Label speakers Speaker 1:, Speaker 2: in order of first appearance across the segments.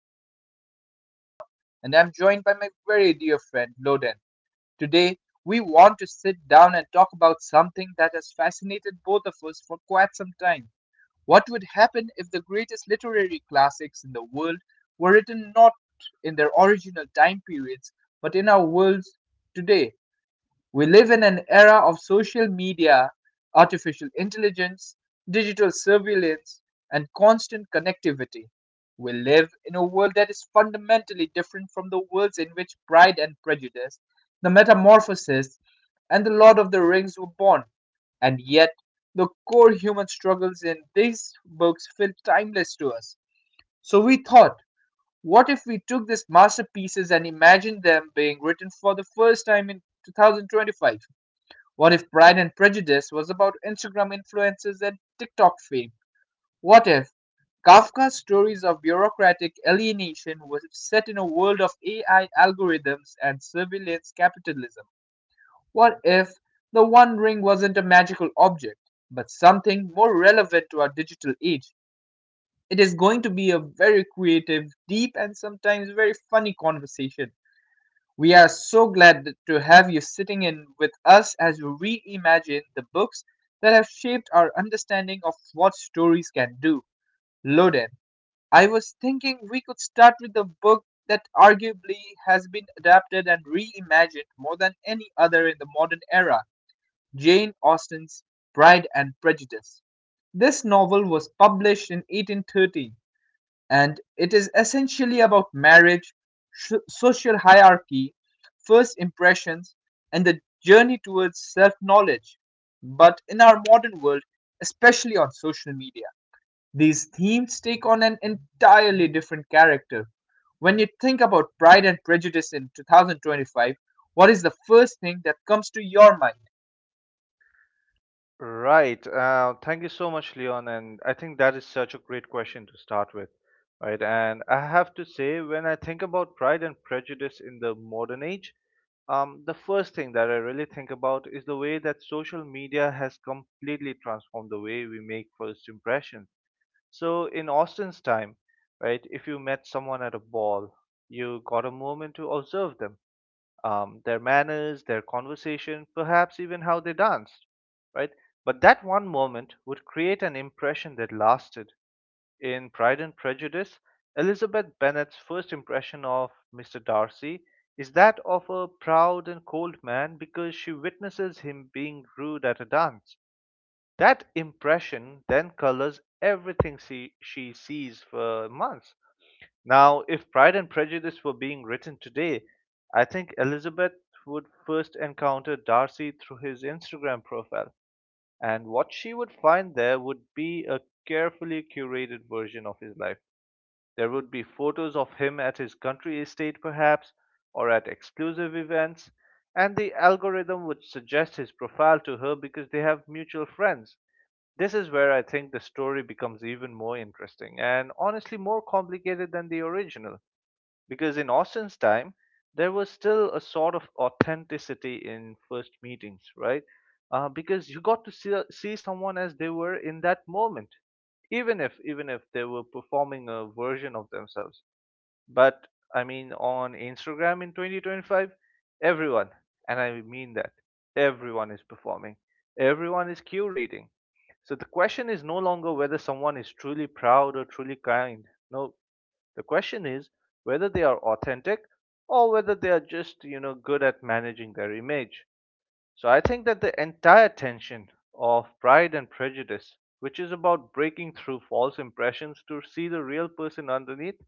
Speaker 1: My name is Leon, and I'm joined by my very dear friend Loden. Today, we want to sit down and talk about something that has fascinated both of us for quite some time. What would happen if the greatest literary classics in the world were written not in their original time periods, but in our worlds today? We live in an era of social media, artificial intelligence, digital surveillance, and constant connectivity. We live in a world that is fundamentally different from the worlds in which Pride and Prejudice, The Metamorphosis, and The Lord of the Rings were born. And yet, the core human struggles in these books feel timeless to us. So we thought, what if we took these masterpieces and imagined them being written for the first time in 2025? What if Pride and Prejudice was about Instagram influencers and TikTok fame? What if Kafka's stories of bureaucratic alienation was set in a world of AI algorithms and surveillance capitalism? What if the One Ring wasn't a magical object, but something more relevant to our digital age? It is going to be a very creative, deep, and sometimes very funny conversation. We are so glad to have you sitting in with us as we reimagine the books that have shaped our understanding of what stories can do. Loden, I was thinking we could start with the book that arguably has been adapted and reimagined more than any other in the modern era, Jane Austen's Pride and Prejudice. This novel was published in 1813, and it is essentially about marriage, social hierarchy, first impressions, and the journey towards self knowledge. But in our modern world, especially on social media, these themes take on an entirely different character. When you think about Pride and Prejudice in 2025, what is the first thing that comes to your mind?
Speaker 2: Right. Thank you so much, Leon. And I think that is such a great question to start with, right? And I have to say, when I think about Pride and Prejudice in the modern age, the first thing that I really think about is the way that social media has completely transformed the way we make first impressions. So in Austen's time, right, if you met someone at a ball, you got a moment to observe them their manners, their conversation, perhaps even how they danced, right? But that one moment would create an impression that lasted. In Pride and Prejudice, Elizabeth Bennet's first impression of Mr. Darcy is that of a proud and cold man because she witnesses him being rude at a dance. That impression then colors everything she sees for months. Now, if Pride and Prejudice were being written today, I think Elizabeth would first encounter Darcy through his Instagram profile, and what she would find there would be a carefully curated version of his life. There would be photos of him at his country estate, perhaps, or at exclusive events, and the algorithm would suggest his profile to her because they have mutual friends. This is where I think the story becomes even more interesting and honestly more complicated than the original. Because in Austin's time, there was still a sort of authenticity in first meetings, right? Because you got to see someone as they were in that moment, even if they were performing a version of themselves. But I mean, on Instagram in 2025, everyone, and I mean that, everyone is performing, everyone is curating. So the question is no longer whether someone is truly proud or truly kind. No, the question is whether they are authentic or whether they are just, good at managing their image. So I think that the entire tension of Pride and Prejudice, which is about breaking through false impressions to see the real person underneath,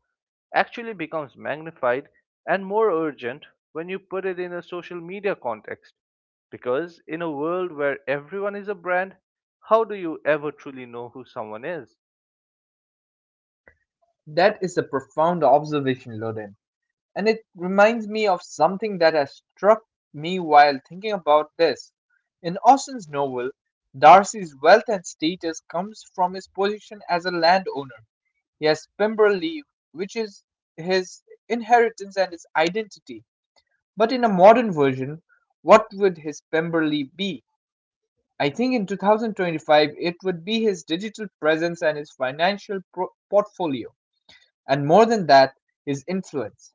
Speaker 2: actually becomes magnified and more urgent when you put it in a social media context. Because in a world where everyone is a brand, how do you ever truly know who someone is?
Speaker 1: That is a profound observation, Loden. And it reminds me of something that has struck me while thinking about this. In Austen's novel, Darcy's wealth and status comes from his position as a landowner. He has Pemberley, which is his inheritance and his identity. But in a modern version, what would his Pemberley be? I think in 2025 it would be his digital presence and his financial portfolio, and more than that, his influence.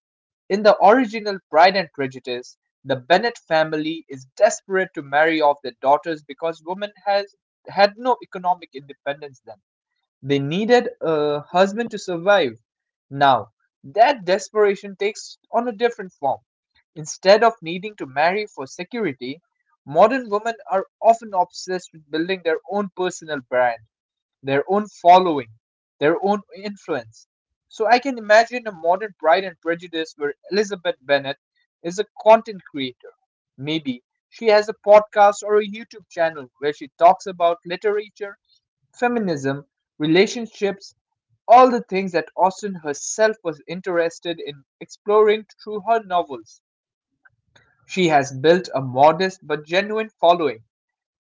Speaker 1: In the original Pride and Prejudice, the Bennet family is desperate to marry off their daughters because women has had no economic independence then. They needed a husband to survive. Now, that desperation takes on a different form. Instead of needing to marry for security, modern women are often obsessed with building their own personal brand, their own following, their own influence. So I can imagine a modern Pride and Prejudice where Elizabeth Bennet is a content creator. Maybe she has a podcast or a YouTube channel where she talks about literature, feminism, relationships, all the things that Austen herself was interested in exploring through her novels. She has built a modest but genuine following,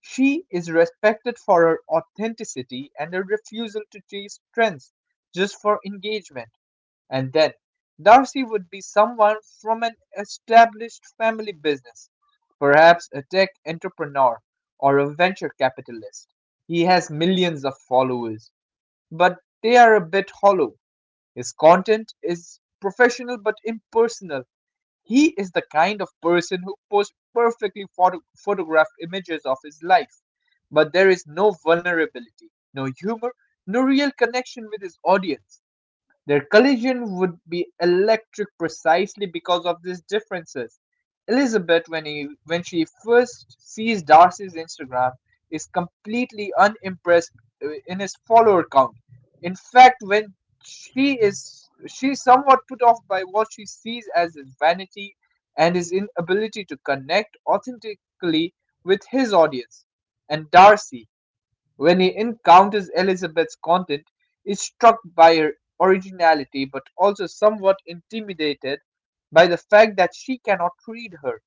Speaker 1: she is respected for her authenticity and her refusal to chase trends just for engagement. And then, Darcy would be someone from an established family business, perhaps a tech entrepreneur or a venture capitalist. He has millions of followers, but they are a bit hollow. His content is professional but impersonal, he is the kind of person who posts perfectly photographed images of his life, but there is no vulnerability, no humor, no real connection with his audience. Their collision would be electric precisely because of these differences. Elizabeth, when she first sees Darcy's Instagram, is completely unimpressed in his follower count. In fact, when she is she's somewhat put off by what she sees as his vanity and his inability to connect authentically with his audience. And Darcy, when he encounters Elizabeth's content, is struck by her originality but also somewhat intimidated by the fact that she cannot read her.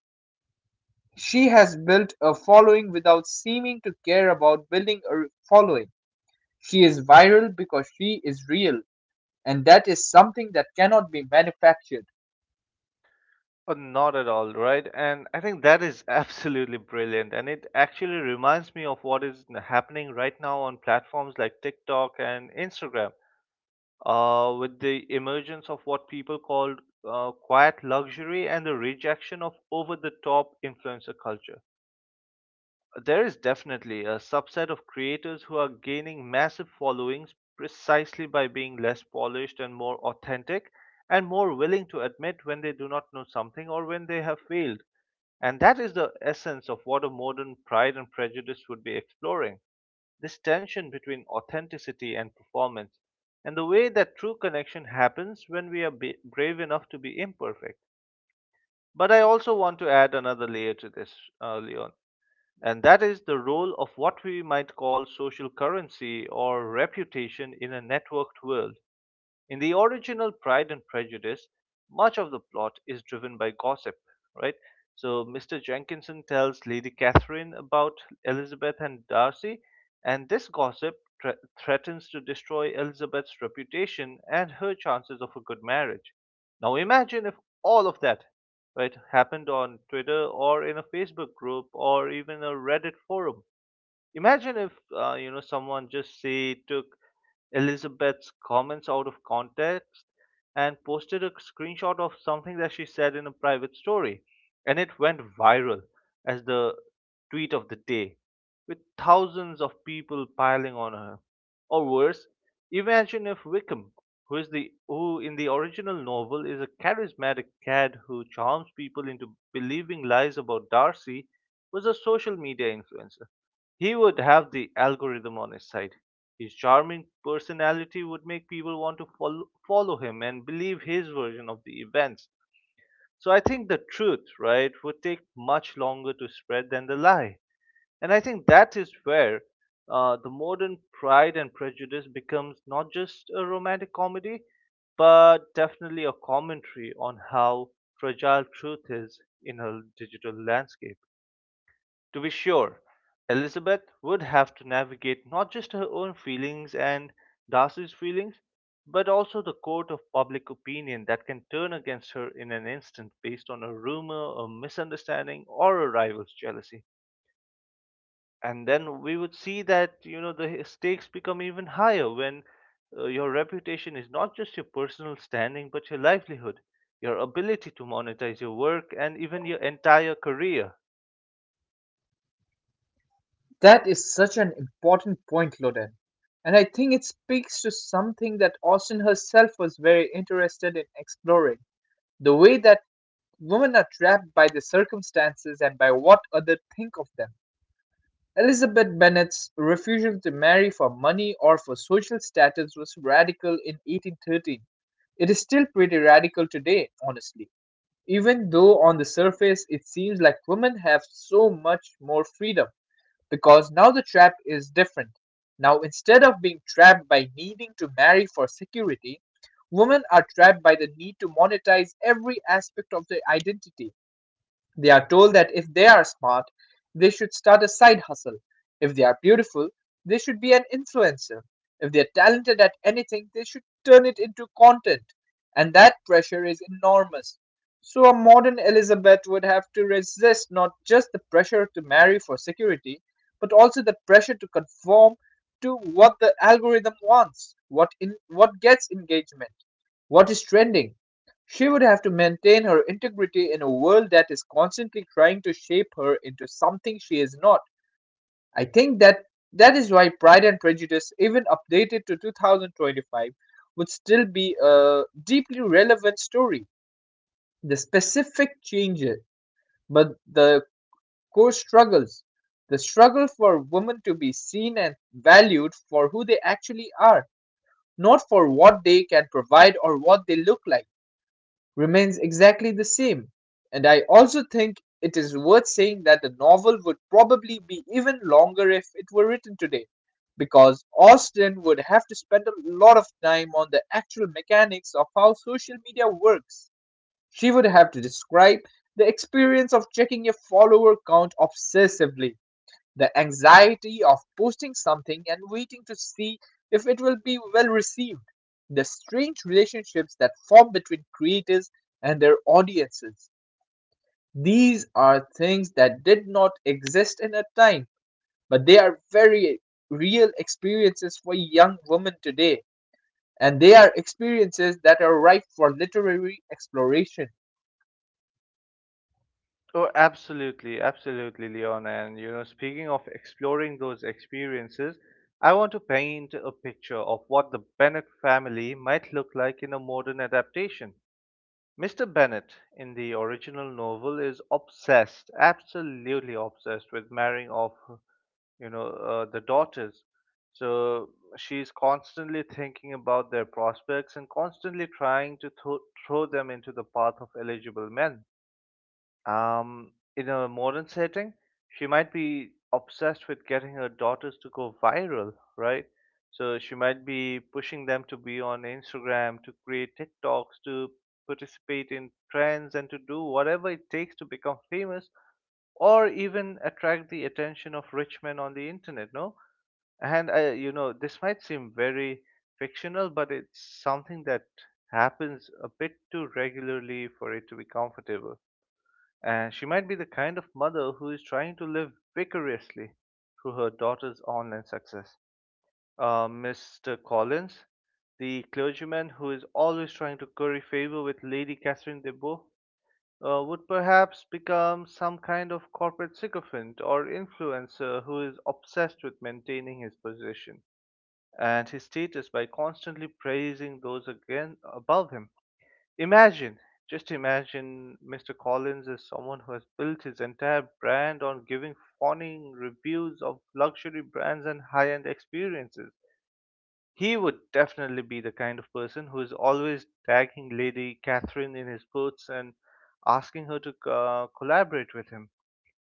Speaker 1: She has built a following without seeming to care about building a following. She is viral because she is real, and that is something that cannot be manufactured.
Speaker 2: Not at all, right? And I think that is absolutely brilliant. And it actually reminds me of what is happening right now on platforms like TikTok and Instagram, with the emergence of what people call quiet luxury and the rejection of over the top influencer culture. There is definitely a subset of creators who are gaining massive followings precisely by being less polished and more authentic and more willing to admit when they do not know something or when they have failed. And that is the essence of what a modern Pride and Prejudice would be exploring this tension between authenticity and performance, and the way that true connection happens when we are brave enough to be imperfect. But I also want to add another layer to this, Leon. And that is the role of what we might call social currency or reputation in a networked world. In the original Pride and Prejudice, much of the plot is driven by gossip, right? So Mr. Jenkinson tells Lady Catherine about Elizabeth and Darcy, and this gossip thre- threatens to destroy Elizabeth's reputation and her chances of a good marriage. Now imagine if all of that, right, happened on Twitter or in a Facebook group or even a Reddit forum. Imagine if you know someone just say took Elizabeth's comments out of context and posted a screenshot of something that she said in a private story. And it went viral as the tweet of the day, with thousands of people piling on her. Or worse, imagine if Wickham, who is the who in the original novel is a charismatic cad who charms people into believing lies about Darcy, was a social media influencer. He would have the algorithm on his side. His charming personality would make people want to follow him and believe his version of the events. So I think the truth, right, would take much longer to spread than the lie. And I think that is where the modern Pride and Prejudice becomes not just a romantic comedy, but definitely a commentary on how fragile truth is in a digital landscape. To be sure, Elizabeth would have to navigate not just her own feelings and Darcy's feelings, but also the court of public opinion that can turn against her in an instant based on a rumor, a misunderstanding, or a rival's jealousy. And then we would see that, you know, the stakes become even higher when your reputation is not just your personal standing, but your livelihood, your ability to monetize your work, and even your entire career.
Speaker 1: That is such an important point, Loden. And I think it speaks to something that Austen herself was very interested in exploring, the way that women are trapped by their circumstances and by what others think of them. Elizabeth Bennet's refusal to marry for money or for social status was radical in 1813. It is still pretty radical today, honestly. Even though on the surface it seems like women have so much more freedom, because now the trap is different. Now, instead of being trapped by needing to marry for security, women are trapped by the need to monetize every aspect of their identity. They are told that if they are smart, they should start a side hustle. If they are beautiful, they should be an influencer. If they are talented at anything, they should turn it into content. And that pressure is enormous. So, a modern Elizabeth would have to resist not just the pressure to marry for security, but also the pressure to conform to what the algorithm wants, what gets engagement, what is trending. She would have to maintain her integrity in a world that is constantly trying to shape her into something she is not. I think that is why Pride and Prejudice, even updated to 2025, would still be a deeply relevant story. The specific changes, but the core struggles, the struggle for women to be seen and valued for who they actually are, not for what they can provide or what they look like, remains exactly the same. And I also think it is worth saying that the novel would probably be even longer if it were written today, because Austen would have to spend a lot of time on the actual mechanics of how social media works. She would have to describe the experience of checking your follower count obsessively, the anxiety of posting something and waiting to see if it will be well received, the strange relationships that form between creators and their audiences. These are things that did not exist in a time, but they are very real experiences for young women today, and they are experiences that are ripe for literary exploration.
Speaker 2: Oh, absolutely, absolutely, Leon. And you know, speaking of exploring those experiences, I want to paint a picture of what the Bennett family might look like in a modern adaptation. Mr. Bennett in the original novel is obsessed, absolutely obsessed with marrying off, the daughters. So she's constantly thinking about their prospects and constantly trying to throw them into the path of eligible men um, in a modern setting, she might be obsessed with getting her daughters to go viral, right? So she might be pushing them to be on Instagram, to create TikToks, to participate in trends, and to do whatever it takes to become famous or even attract the attention of rich men on the internet, no? And, you know, this might seem very fictional, but it's something that happens a bit too regularly for it to be comfortable. And she might be the kind of mother who is trying to live vicariously through her daughter's online success. Mr. Collins, the clergyman who is always trying to curry favor with Lady Catherine de Bourgh, would perhaps become some kind of corporate sycophant or influencer who is obsessed with maintaining his position and his status by constantly praising those again above him. Imagine, just imagine Mr. Collins is someone who has built his entire brand on giving fawning reviews of luxury brands and high-end experiences. He would definitely be the kind of person who is always tagging Lady Catherine in his posts and asking her to collaborate with him.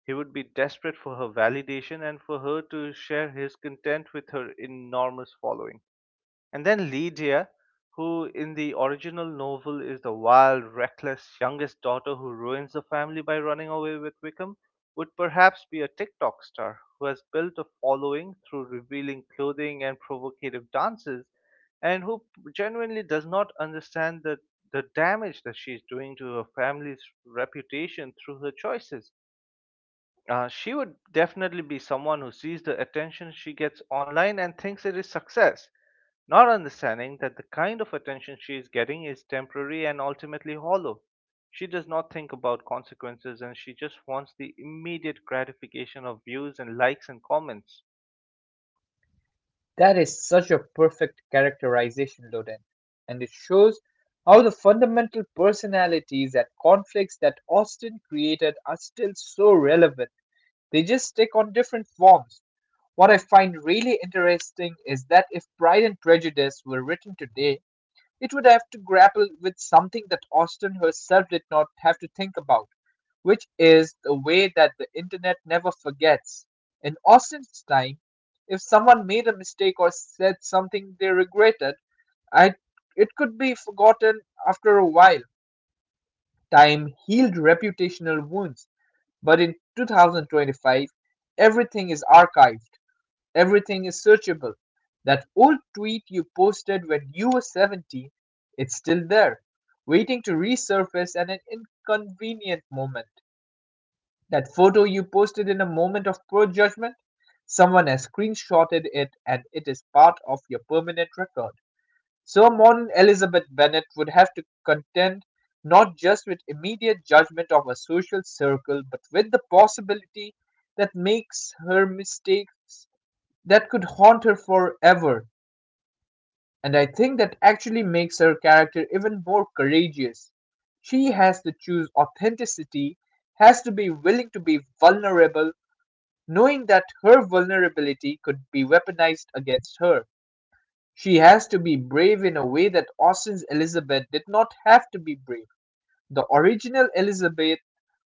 Speaker 2: He would be desperate for her validation and for her to share his content with her enormous following. And then Lydia, who in the original novel is the wild, reckless youngest daughter who ruins the family by running away with Wickham, would perhaps be a TikTok star who has built a following through revealing clothing and provocative dances and who genuinely does not understand the damage that she is doing to her family's reputation through her choices. She would definitely be someone who sees the attention she gets online and thinks it is success, not understanding that the kind of attention she is getting is temporary and ultimately hollow. She does not think about consequences and she just wants the immediate gratification of views and likes and comments.
Speaker 1: That is such a perfect characterization, Loden, and it shows how the fundamental personalities and conflicts that Austen created are still so relevant. They just take on different forms. What I find really interesting is that if Pride and Prejudice were written today, it would have to grapple with something that Austen herself did not have to think about, which is the way that the internet never forgets. In Austin's time, if someone made a mistake or said something they regretted, I, it could be forgotten after a while. Time healed reputational wounds, but in 2025, everything is archived, everything is searchable. That old tweet you posted when you were 17, it's still there, waiting to resurface at an inconvenient moment. That photo you posted in a moment of poor judgment? Someone has screenshotted it and it is part of your permanent record. So modern Elizabeth Bennet would have to contend not just with immediate judgment of a social circle, but with the possibility that makes her mistakes that could haunt her forever. And I think that actually makes her character even more courageous. She has to choose authenticity, has to be willing to be vulnerable, knowing that her vulnerability could be weaponized against her, she has to be brave in a way that Austen's Elizabeth did not have to be brave. The original Elizabeth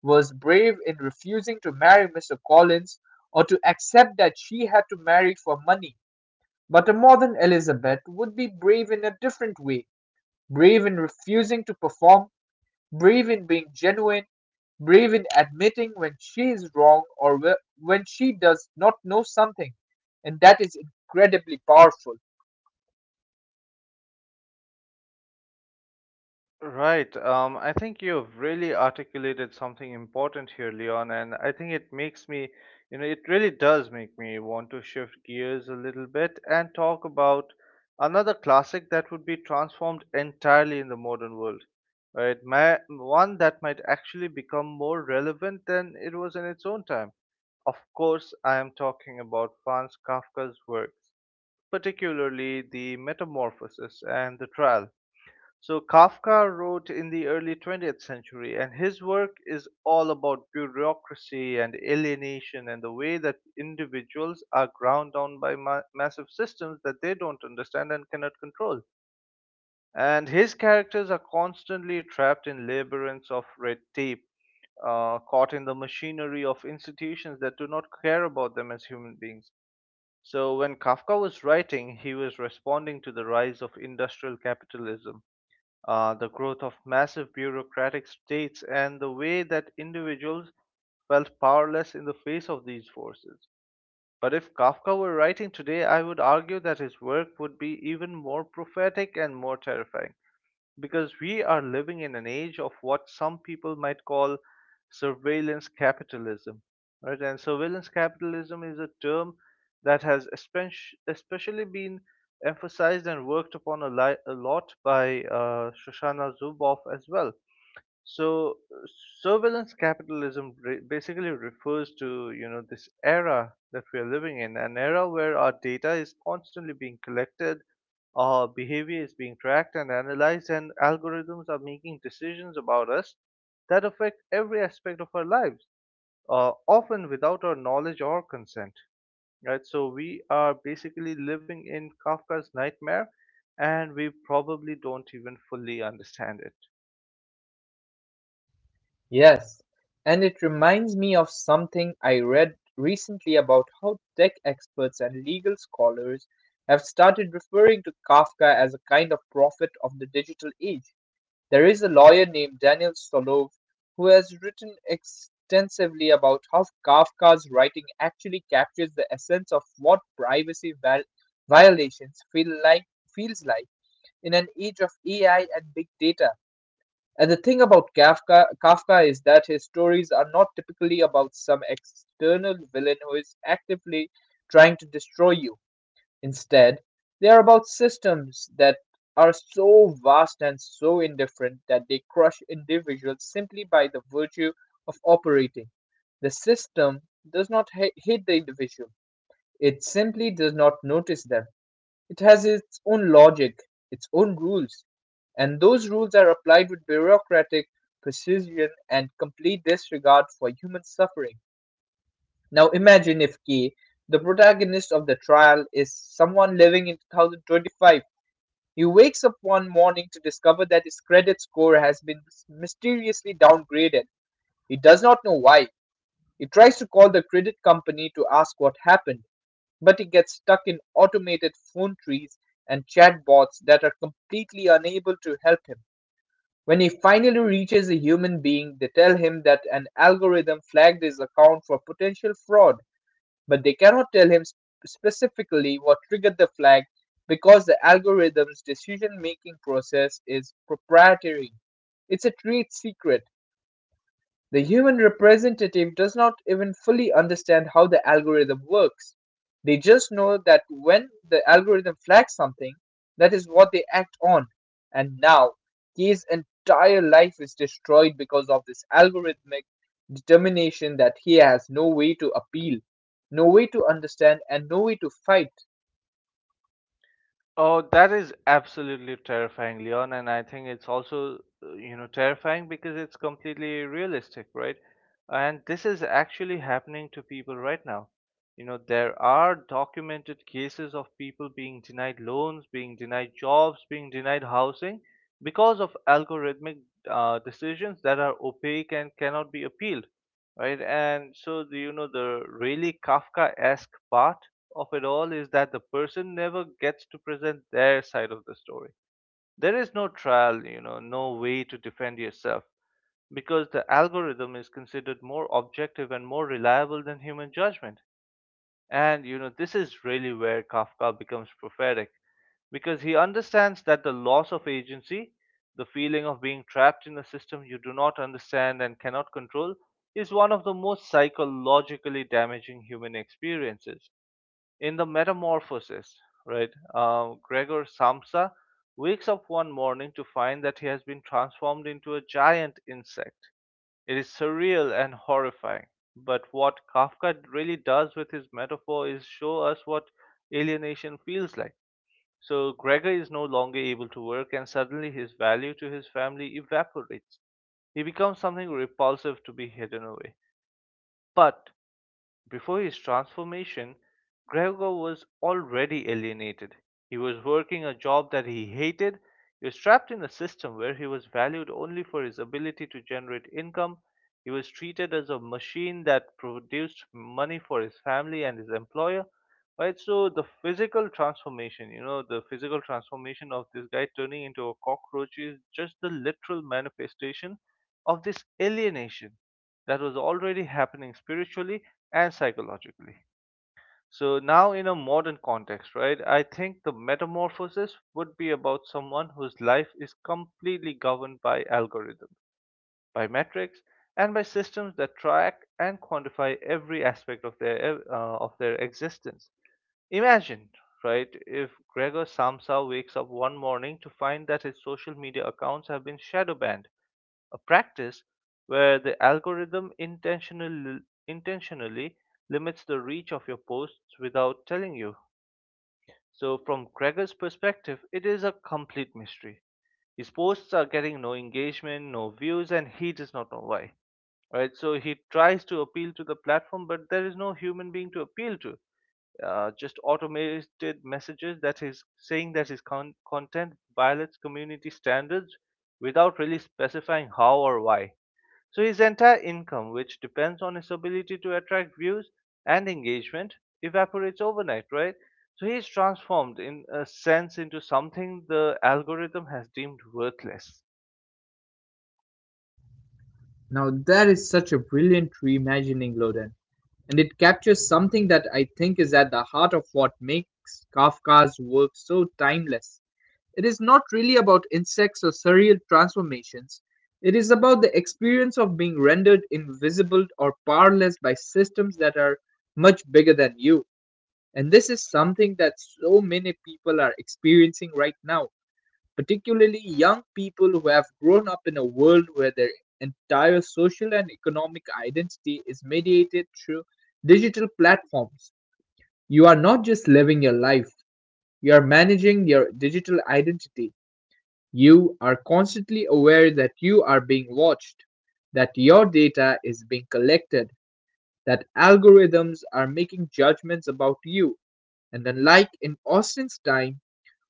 Speaker 1: was brave in refusing to marry Mr. Collins or to accept that she had to marry for money. But a modern Elizabeth would be brave in a different way, brave in refusing to perform, brave in being genuine, brave in admitting when she is wrong or when she does not know something. And that is incredibly powerful.
Speaker 2: Right. I think you've really articulated something important here, Leon, and I think it makes me, you know, it really does make me want to shift gears a little bit and talk about another classic that would be transformed entirely in the modern world, right? My, one that might actually become more relevant than it was in its own time. Of course, I am talking about Franz Kafka's works, particularly the Metamorphosis and the Trial so Kafka wrote in the early 20th century, and his work is all about bureaucracy and alienation and the way that individuals are ground down by massive systems that they don't understand and cannot control. And his characters are constantly trapped in labyrinths of red tape, caught in the machinery of institutions that do not care about them as human beings. So when Kafka was writing, he was responding to the rise of industrial capitalism the growth of massive bureaucratic states, and the way that individuals felt powerless in the face of these forces. But if Kafka were writing today, I would argue that his work would be even more prophetic and more terrifying because we are living in an age of what some people might call surveillance capitalism right and surveillance capitalism is a term that has especially been emphasized and worked upon a lot by Shoshana Zuboff as well so surveillance capitalism basically refers to you know this era that we are living in, an era where our data is constantly being collected, our behavior is being tracked and analyzed, and algorithms are making decisions about us that affect every aspect of our lives, often without our knowledge or consent. Right, so we are basically living in Kafka's nightmare, and we probably don't even fully understand it.
Speaker 1: Yes, and it reminds me of something I read recently about how tech experts and legal scholars have started referring to Kafka as a kind of prophet of the digital age. There is a lawyer named Daniel Stolov who has written extensively about how Kafka's writing actually captures the essence of what violations feels like in an age of AI and big data. And the thing about Kafka is that his stories are not typically about some external villain who is actively trying to destroy you. Instead, they are about systems that are so vast and so indifferent that they crush individuals simply by the virtue of operating. The system does not hate the individual, it simply does not notice them. It has its own logic, its own rules, and those rules are applied with bureaucratic precision and complete disregard for human suffering. Now imagine if K, the protagonist of the trial, is someone living in 2025. He wakes up one morning to discover that his credit score has been mysteriously downgraded. He does not know why. He tries to call the credit company to ask what happened, but he gets stuck in automated phone trees and chatbots that are completely unable to help him. When he finally reaches a human being, they tell him that an algorithm flagged his account for potential fraud, but they cannot tell him specifically what triggered the flag because the algorithm's decision making process is proprietary. It's a trade secret. The human representative does not even fully understand how the algorithm works. They just know that when the algorithm flags something, that is what they act on. And now, K's entire life is destroyed because of this algorithmic determination that he has no way to appeal, no way to understand, and no way to fight.
Speaker 2: Oh, that is absolutely terrifying, Leon, and I think it's also, you know, terrifying because it's completely realistic, right? And this is actually happening to people right now. You know, there are documented cases of people being denied loans, being denied jobs, being denied housing because of algorithmic decisions that are opaque and cannot be appealed, right? And so, do you know the really Kafkaesque part of it all is that the person never gets to present their side of the story. There is no trial, you know, no way to defend yourself because the algorithm is considered more objective and more reliable than human judgment. And you know, this is really where Kafka becomes prophetic because he understands that the loss of agency, the feeling of being trapped in a system you do not understand and cannot control, is one of the most psychologically damaging human experiences. In the Metamorphosis, right, Gregor Samsa wakes up one morning to find that he has been transformed into a giant insect. It is surreal and horrifying. But what Kafka really does with his metaphor is show us what alienation feels like. So Gregor is no longer able to work, and suddenly his value to his family evaporates. He becomes something repulsive to be hidden away. But before his transformation, Gregor was already alienated. He was working a job that he hated. He was trapped in a system where he was valued only for his ability to generate income. He was treated as a machine that produced money for his family and his employer. Right, so the physical transformation, you know, the physical transformation of this guy turning into a cockroach is just the literal manifestation of this alienation that was already happening spiritually and psychologically. So now in a modern context, right, I think the metamorphosis would be about someone whose life is completely governed by algorithms, by metrics, and by systems that track and quantify every aspect of their existence. Imagine, right, if Gregor Samsa wakes up one morning to find that his social media accounts have been shadow banned, a practice where the algorithm intentionally limits the reach of your posts without telling you. So, from Gregor's perspective, it is a complete mystery. His posts are getting no engagement, no views, and he does not know why. Right? So, he tries to appeal to the platform, but there is no human being to appeal to. Just automated messages that is saying that his content violates community standards without really specifying how or why. So his entire income, which depends on his ability to attract views and engagement, evaporates overnight, right? So he is transformed in a sense into something the algorithm has deemed worthless.
Speaker 1: Now, that is such a brilliant reimagining, Loden, and it captures something that I think is at the heart of what makes Kafka's work so timeless. It is not really about insects or surreal transformations. It is about the experience of being rendered invisible or powerless by systems that are much bigger than you. And this is something that so many people are experiencing right now, particularly young people who have grown up in a world where their entire social and economic identity is mediated through digital platforms. You are not just living your life, you are managing your digital identity. You are constantly aware that you are being watched, that your data is being collected, that algorithms are making judgments about you. And unlike in Austin's time,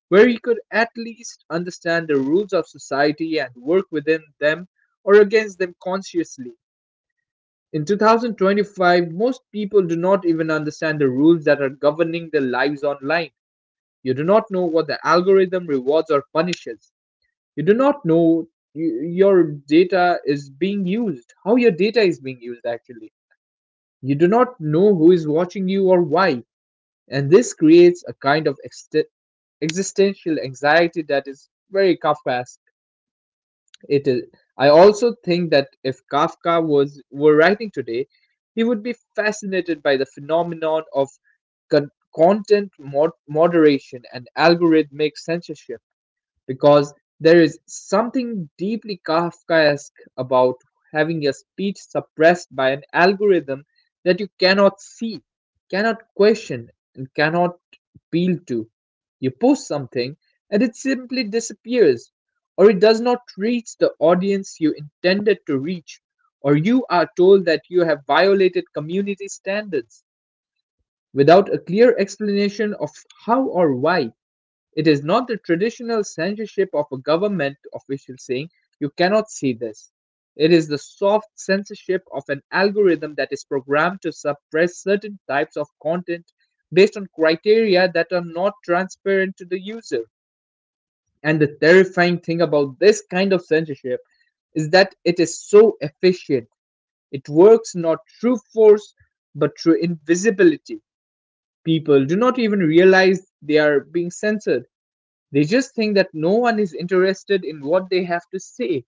Speaker 1: where he could at least understand the rules of society and work within them or against them consciously, in 2025, most people do not even understand the rules that are governing their lives online. You do not know what the algorithm rewards or punishes. You do not know y- your data is being used, how your data is being used actually. You do not know who is watching you or why. And this creates a kind of existential anxiety that is very Kafkaesque. It is. I also think that if Kafka was were writing today, he would be fascinated by the phenomenon of con- content moderation and algorithmic censorship, because there is something deeply Kafkaesque about having your speech suppressed by an algorithm that you cannot see, cannot question, and cannot appeal to. You post something and it simply disappears, or it does not reach the audience you intended to reach, or you are told that you have violated community standards without a clear explanation of how or why. It is not the traditional censorship of a government official saying, "You cannot see this." It is the soft censorship of an algorithm that is programmed to suppress certain types of content based on criteria that are not transparent to the user. And the terrifying thing about this kind of censorship is that it is so efficient. It works not through force, but through invisibility. People do not even realize they are being censored. They just think that no one is interested in what they have to say.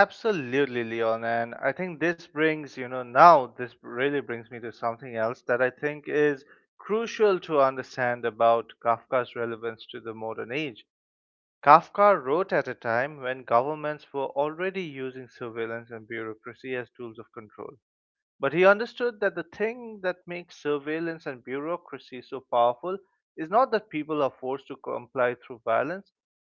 Speaker 2: Absolutely, Leon. And I think this brings, you know, now this really brings me to something else that I think is crucial to understand about Kafka's relevance to the modern age. Kafka wrote at a time when governments were already using surveillance and bureaucracy as tools of control. But he understood that the thing that makes surveillance and bureaucracy so powerful is not that people are forced to comply through violence,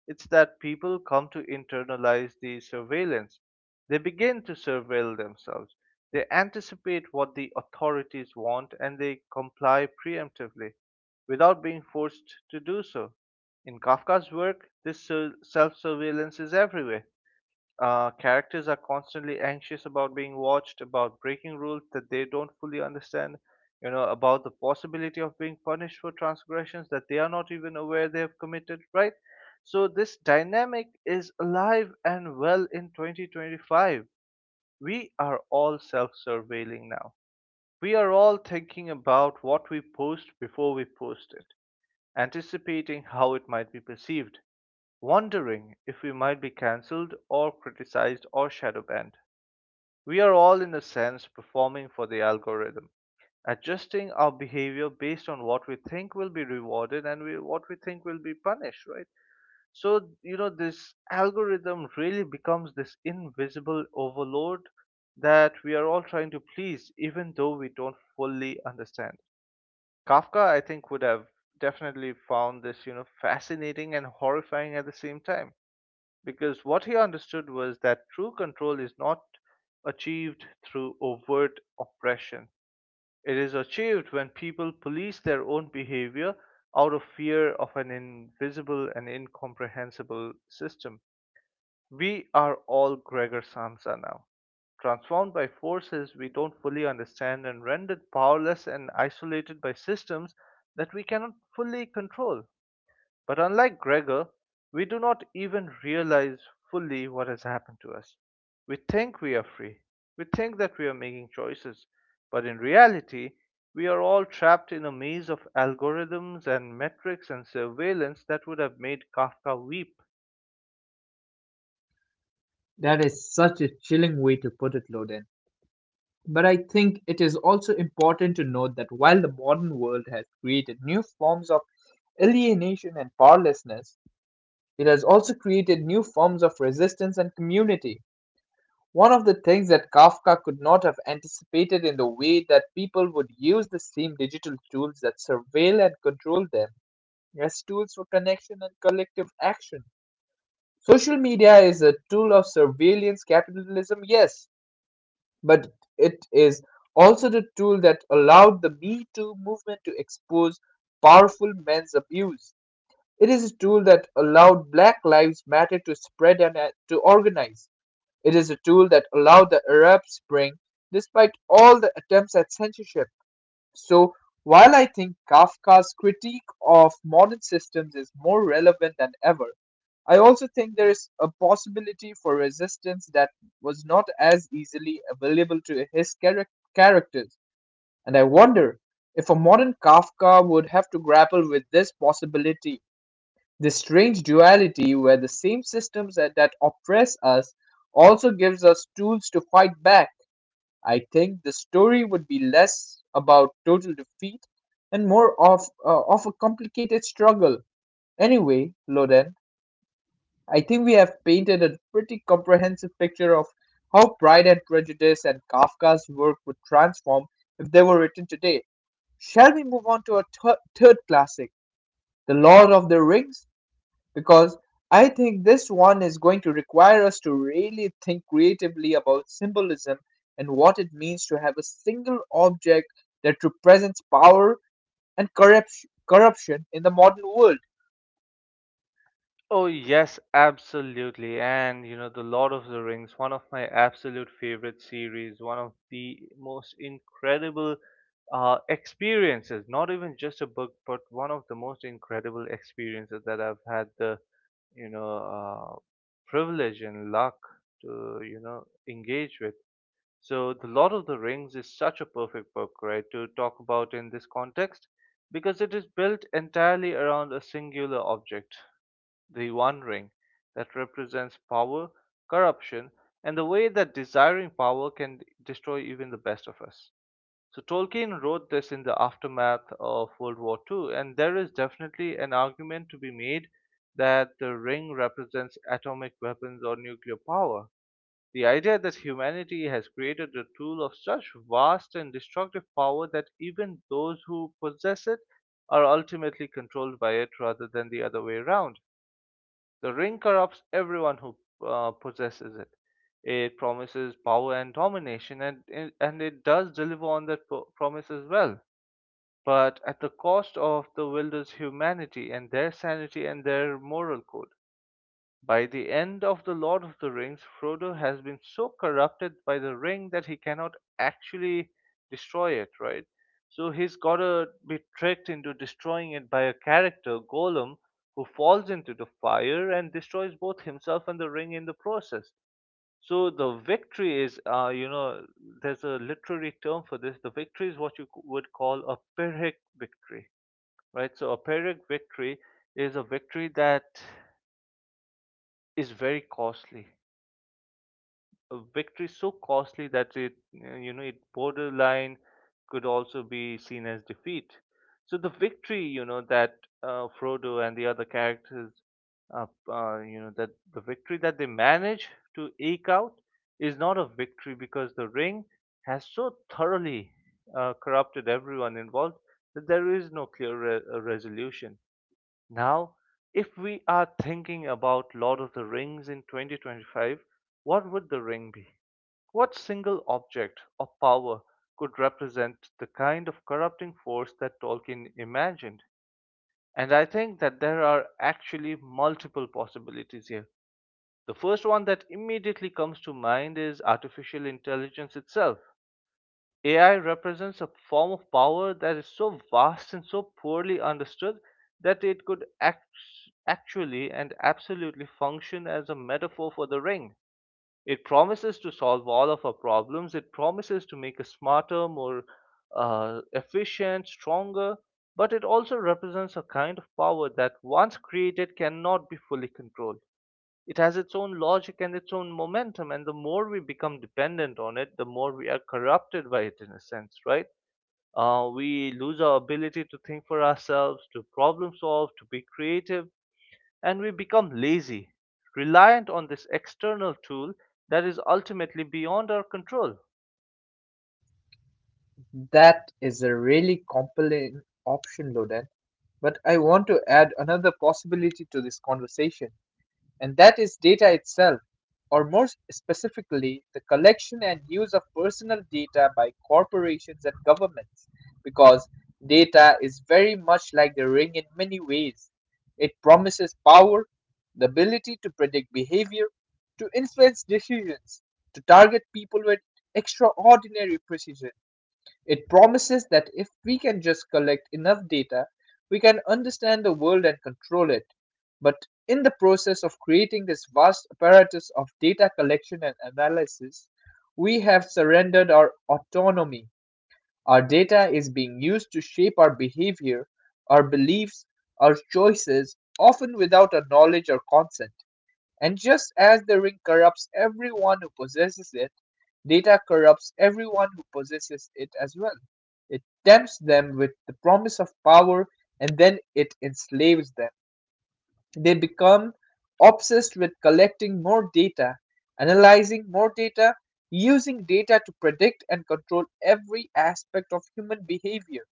Speaker 2: it's that people come to internalize the surveillance. They begin to surveil themselves. They anticipate what the authorities want and they comply preemptively without being forced to do so. In Kafka's work, this self surveillance is everywhere. Characters are constantly anxious about being watched, about breaking rules that they don't fully understand, you know, about the possibility of being punished for transgressions that they are not even aware they have committed, right? So, this dynamic is alive and well in 2025. We are all self surveilling now. We are all thinking about what we post before we post it, anticipating how it might be perceived, wondering if we might be cancelled or criticized or shadow banned. We are all, in a sense, performing for the algorithm, adjusting our behavior based on what we think will be rewarded and what we think will be punished, right? So, you know, this algorithm really becomes this invisible overload that we are all trying to please, even though we don't fully understand. Kafka, I think, would have definitely found this, you know, fascinating and horrifying at the same time because what he understood was that true control is not achieved through overt oppression. It is achieved when people police their own behavior out of fear of an invisible and incomprehensible system. We are all Gregor Samsa now, transformed by forces we don't fully understand and rendered powerless and isolated by systems that we cannot fully control. But unlike Gregor, we do not even realize fully what has happened to us. We think we are free. We think that we are making choices. But in reality, we are all trapped in a maze of algorithms and metrics and surveillance that would have made Kafka weep.
Speaker 1: That is such a chilling way to put it, Loden. But I think it is also important to note that while the modern world has created new forms of alienation and powerlessness, it has also created new forms of resistance and community. One of the things that Kafka could not have anticipated in the way that people would use the same digital tools that surveil and control them as tools for connection and collective action. Social media is a tool of surveillance capitalism, yes, but it is also the tool that allowed the Me Too movement to expose powerful men's abuse. It is a tool that allowed Black Lives Matter to spread and to organize. It is a tool that allowed the Arab Spring, despite all the attempts at censorship. So, while I think Kafka's critique of modern systems is more relevant than ever, I also think there is a possibility for resistance that was not as easily available to his characters. And I wonder if a modern Kafka would have to grapple with this possibility, this strange duality where the same systems that oppress us also gives us tools to fight back. I think the story would be less about total defeat and more of a complicated struggle. Anyway, Loden, I think we have painted a pretty comprehensive picture of how Pride and Prejudice and Kafka's work would transform if they were written today. Shall we move on to our third classic, The Lord of the Rings? Because I think this one is going to require us to really think creatively about symbolism and what it means to have a single object that represents power and corruption in the modern world.
Speaker 2: Oh, yes, absolutely. And, you know, The Lord of the Rings, one of my absolute favorite series, one of the most incredible experiences, not even just a book, but one of the most incredible experiences that I've had the, you know, privilege and luck to, you know, engage with. So, The Lord of the Rings is such a perfect book, right, to talk about in this context because it is built entirely around a singular object, the One Ring, that represents power, corruption, and the way that desiring power can destroy even the best of us. So Tolkien wrote this in the aftermath of World War II, and there is definitely an argument to be made that the ring represents atomic weapons or nuclear power. The idea that humanity has created a tool of such vast and destructive power that even those who possess it are ultimately controlled by it rather than the other way around. The ring corrupts everyone who possesses it. It promises power and domination, and it does deliver on that promise as well, but at the cost of the wielder's humanity and their sanity and their moral code. By the end of The Lord of the Rings, Frodo has been so corrupted by the ring that he cannot actually destroy it, right? So he's gotta be tricked into destroying it by a character, Gollum, who falls into the fire and destroys both himself and the ring in the process. So the victory is, you know, there's a literary term for this. The victory is what would call a Pyrrhic victory, right? So a Pyrrhic victory is a victory that is very costly, a victory so costly that it, you know, it borderline could also be seen as defeat. So the victory, you know, that Frodo and the other characters, uh, you know, that the victory that they manage to eke out is not a victory because the ring has so thoroughly corrupted everyone involved that there is no clear resolution. Now, if we are thinking about Lord of the Rings in 2025, what would the ring be? What single object or power could represent the kind of corrupting force that Tolkien imagined? And I think that there are actually multiple possibilities here. The first one that immediately comes to mind is artificial intelligence itself. AI represents a form of power that is so vast and so poorly understood that it could actually and absolutely function as a metaphor for the ring. It promises to solve all of our problems, it promises to make us smarter, more efficient, stronger, but it also represents a kind of power that once created cannot be fully controlled. It has its own logic and its own momentum, and the more we become dependent on it, the more we are corrupted by it in a sense, right? We lose our ability to think for ourselves, to problem solve, to be creative, and we become lazy, reliant on this external tool that is ultimately beyond our control.
Speaker 1: That is a really compelling option, Loden. But I want to add another possibility to this conversation, and that is data itself, or more specifically, the collection and use of personal data by corporations and governments, because data is very much like the ring in many ways. It promises power, the ability to predict behavior, to influence decisions, to target people with extraordinary precision. It promises that if we can just collect enough data, we can understand the world and control it. But in the process of creating this vast apparatus of data collection and analysis, we have surrendered our autonomy. Our data is being used to shape our behavior, our beliefs, our choices, often without our knowledge or consent. And just as the ring corrupts everyone who possesses it, data corrupts everyone who possesses it as well. It tempts them with the promise of power, and then it enslaves them. They become obsessed with collecting more data, analyzing more data, using data to predict and control every aspect of human behavior.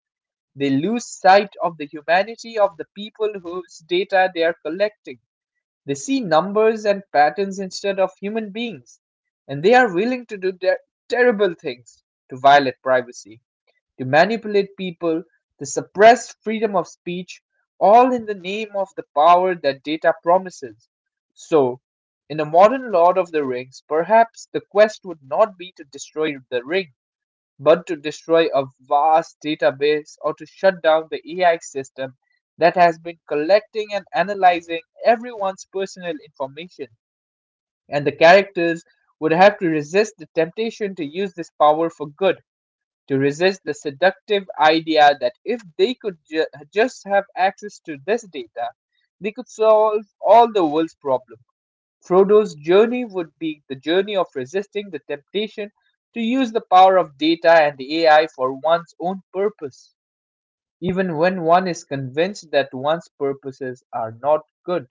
Speaker 1: They lose sight of the humanity of the people whose data they are collecting. They see numbers and patterns instead of human beings, and they are willing to do terrible things, to violate privacy, to manipulate people, to suppress freedom of speech, all in the name of the power that data promises. So, in a modern Lord of the Rings, perhaps the quest would not be to destroy the ring, but to destroy a vast database or to shut down the AI system that has been collecting and analyzing everyone's personal information. And the characters would have to resist the temptation to use this power for good, to resist the seductive idea that if they could just have access to this data, they could solve all the world's problems. Frodo's journey would be the journey of resisting the temptation to use the power of data and the AI for one's own purpose, even when one is convinced that one's purposes are not good.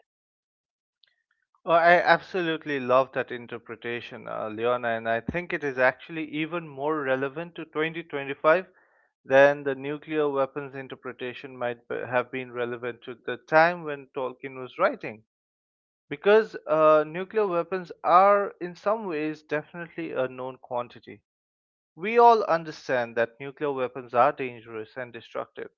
Speaker 2: Oh, I absolutely love that interpretation, Leona, and I think it is actually even more relevant to 2025 than the nuclear weapons interpretation have been relevant to the time when Tolkien was writing. Because nuclear weapons are, in some ways, definitely a known quantity. We all understand that nuclear weapons are dangerous and destructive,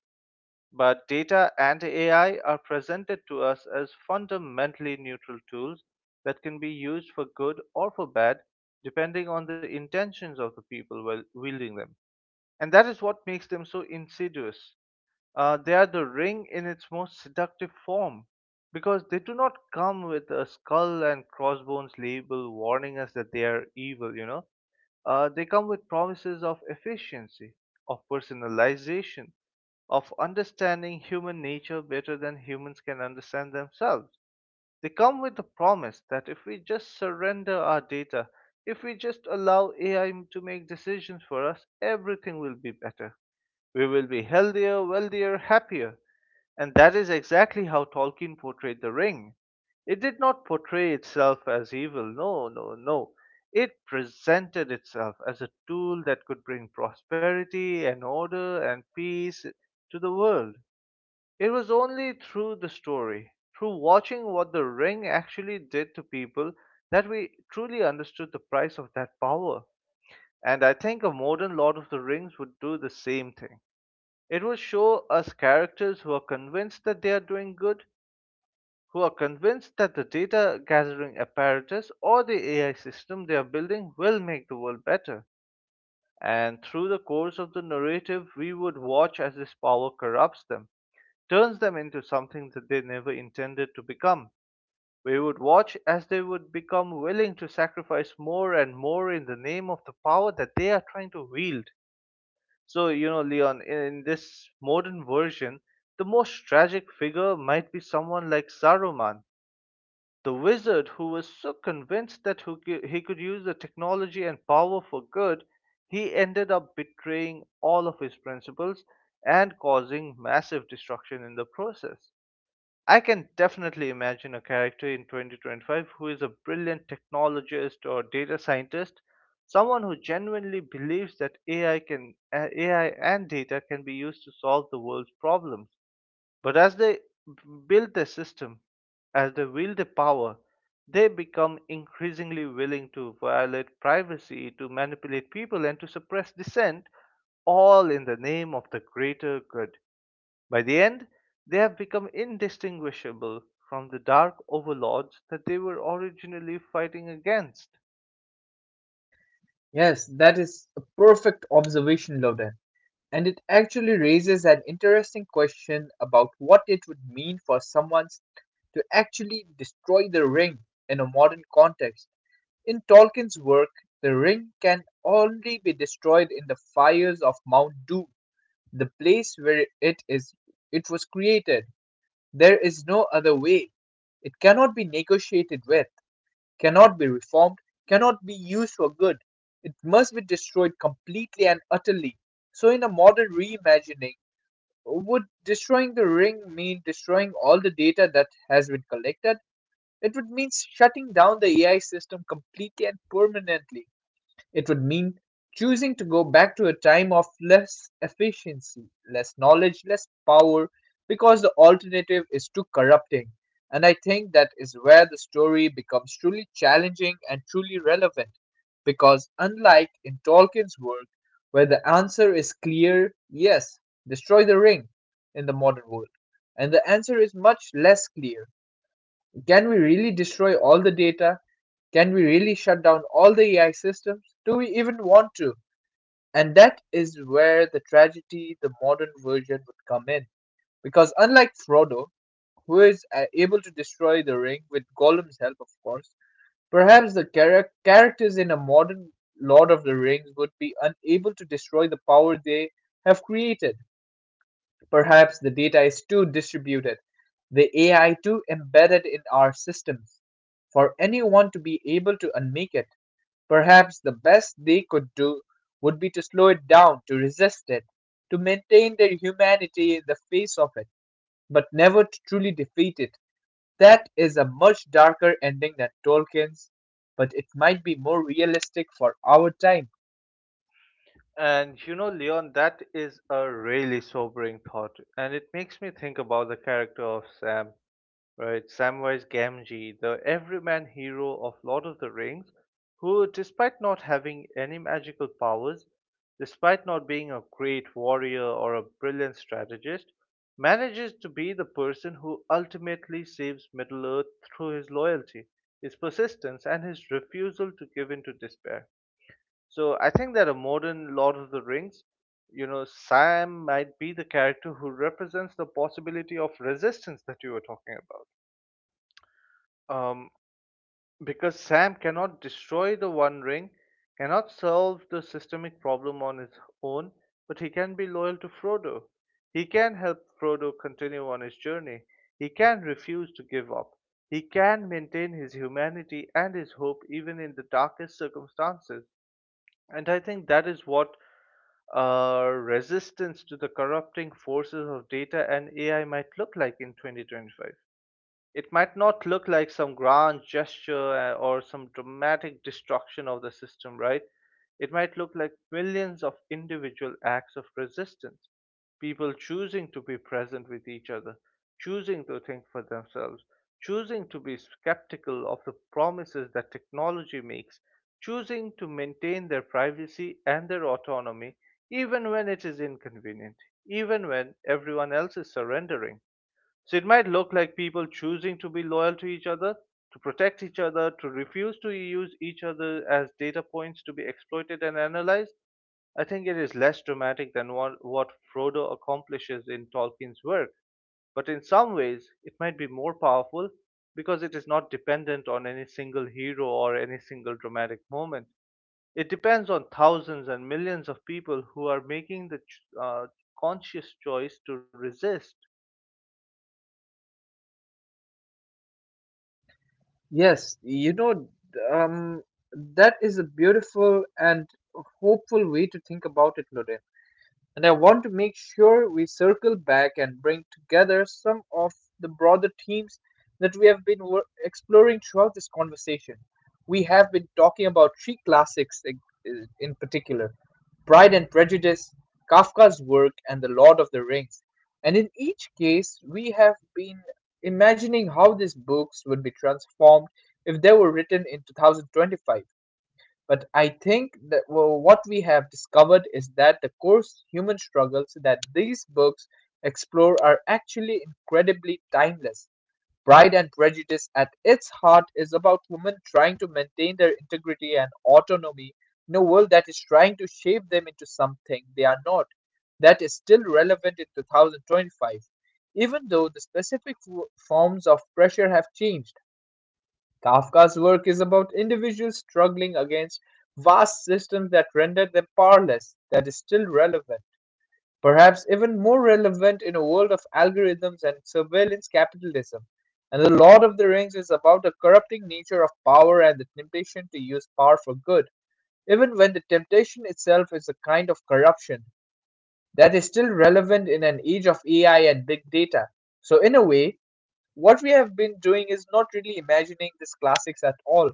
Speaker 2: but data and AI are presented to us as fundamentally neutral tools that can be used for good or for bad, depending on the intentions of the people wielding them. And that is what makes them so insidious. They are the ring in its most seductive form because they do not come with a skull and crossbones label warning us that they are evil, you know, they come with promises of efficiency, of personalization, of understanding human nature better than humans can understand themselves. They come with the promise that if we just surrender our data, if we just allow AI to make decisions for us, everything will be better. We will be healthier, wealthier, happier. And that is exactly how Tolkien portrayed the ring. It did not portray itself as evil. No, no, no. It presented itself as a tool that could bring prosperity and order and peace to the world. It was only through the story, through watching what the ring actually did to people, that we truly understood the price of that power. And I think a modern Lord of the Rings would do the same thing. It will show us characters who are convinced that they are doing good, who are convinced that the data gathering apparatus or the AI system they are building will make the world better. And through the course of the narrative, we would watch as this power corrupts them, turns them into something that they never intended to become. We would watch as they would become willing to sacrifice more and more in the name of the power that they are trying to wield. So, you know, Leon, in this modern version, the most tragic figure might be someone like Saruman, the wizard, who was so convinced that he could use the technology and power for good, he ended up betraying all of his principles and causing massive destruction in the process. I can definitely imagine a character in 2025 who is a brilliant technologist or data scientist, someone who genuinely believes that AI and data can be used to solve the world's problems. But as they build their system, as they wield their power, they become increasingly willing to violate privacy, to manipulate people, and to suppress dissent, all in the name of the greater good. By the end, they have become indistinguishable from the dark overlords that they were originally fighting against.
Speaker 1: Yes, that is a perfect observation, Loden. And it actually raises an interesting question about what it would mean for someone to actually destroy the ring in a modern context. In Tolkien's work, the ring can only be destroyed in the fires of Mount Doom, the place where it was created. There is no other way. It cannot be negotiated with, cannot be reformed, cannot be used for good. It must be destroyed completely and utterly. So in a modern reimagining, would destroying the ring mean destroying all the data that has been collected? It would mean shutting down the AI system completely and permanently. It would mean choosing to go back to a time of less efficiency, less knowledge, less power, because the alternative is too corrupting. And I think that is where the story becomes truly challenging and truly relevant, because unlike in Tolkien's work, where the answer is clear, yes, destroy the ring, in the modern world, and the answer is much less clear. Can we really destroy all the data? Can we really shut down all the AI systems? Do we even want to? And that is where the tragedy, the modern version, would come in. Because unlike Frodo, who is able to destroy the ring with Gollum's help, of course, perhaps the characters in a modern Lord of the Rings would be unable to destroy the power they have created. Perhaps the data is too distributed, the AI too embedded in our systems, for anyone to be able to unmake it. Perhaps the best they could do would be to slow it down, to resist it, to maintain their humanity in the face of it, but never to truly defeat it. That is a much darker ending than Tolkien's, but it might be more realistic for our time.
Speaker 2: And you know, Leon, that is a really sobering thought, and it makes me think about the character of Sam. Right, Samwise Gamgee, the everyman hero of Lord of the Rings, who, despite not having any magical powers, despite not being a great warrior or a brilliant strategist, manages to be the person who ultimately saves Middle Earth through his loyalty, his persistence, and his refusal to give in to despair. So I think that a modern Lord of the Rings, you know, Sam might be the character who represents the possibility of resistance that you were talking about. Um, because Sam cannot destroy the One Ring, cannot solve the systemic problem on his own, but he can be loyal to Frodo. He can help Frodo continue on his journey. He can refuse to give up. He can maintain his humanity and his hope even in the darkest circumstances. And I think that is what resistance to the corrupting forces of data and AI might look like in 2025. It might not look like some grand gesture or some dramatic destruction of the system, right? It might look like millions of individual acts of resistance, people choosing to be present with each other, choosing to think for themselves, choosing to be skeptical of the promises that technology makes, choosing to maintain their privacy and their autonomy even when it is inconvenient, even when everyone else is surrendering. So it might look like people choosing to be loyal to each other, to protect each other, to refuse to use each other as data points to be exploited and analyzed. I think it is less dramatic than what Frodo accomplishes in Tolkien's work, but in some ways it might be more powerful because it is not dependent on any single hero or any single dramatic moment. It depends on thousands and millions of people who are making the conscious choice to resist.
Speaker 1: Yes, you know, um, that is a beautiful and hopeful way to think about it, Noor. And I want to make sure we circle back and bring together some of the broader themes that we have been exploring throughout this conversation. We have been talking about three classics in particular: Pride and Prejudice, Kafka's work, and The Lord of the Rings. And in each case, we have been imagining how these books would be transformed if they were written in 2025. But I think that, well, what we have discovered is that the coarse human struggles that these books explore are actually incredibly timeless. Pride and Prejudice at its heart is about women trying to maintain their integrity and autonomy in a world that is trying to shape them into something they are not. That is still relevant in 2025, even though the specific forms of pressure have changed. Kafka's work is about individuals struggling against vast systems that render them powerless. That is still relevant. Perhaps even more relevant in a world of algorithms and surveillance capitalism. And The Lord of the Rings is about the corrupting nature of power and the temptation to use power for good, even when the temptation itself is a kind of corruption. That is still relevant in an age of AI and big data. So, in a way, what we have been doing is not really imagining these classics at all.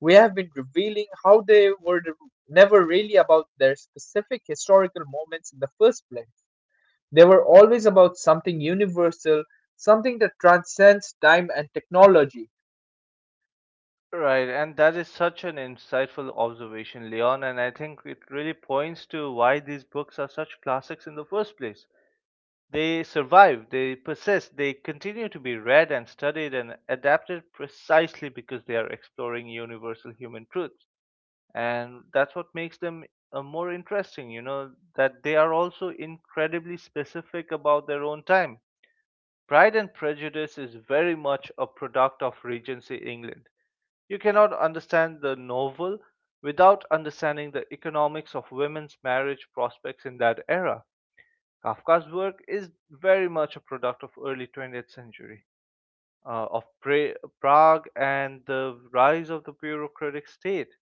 Speaker 1: We have been revealing how they were never really about their specific historical moments in the first place. They were always about something universal, something that transcends time and technology.
Speaker 2: Right, and that is such an insightful observation, Leon, and I think it really points to why these books are such classics in the first place. They survive, they persist, they continue to be read and studied and adapted precisely because they are exploring universal human truths. And that's what makes them more interesting, you know, that they are also incredibly specific about their own time. Pride and Prejudice is very much a product of Regency England. You cannot understand the novel without understanding the economics of women's marriage prospects in that era. Kafka's work is very much a product of early 20th century, uh, of pra- Prague and the rise of the bureaucratic state.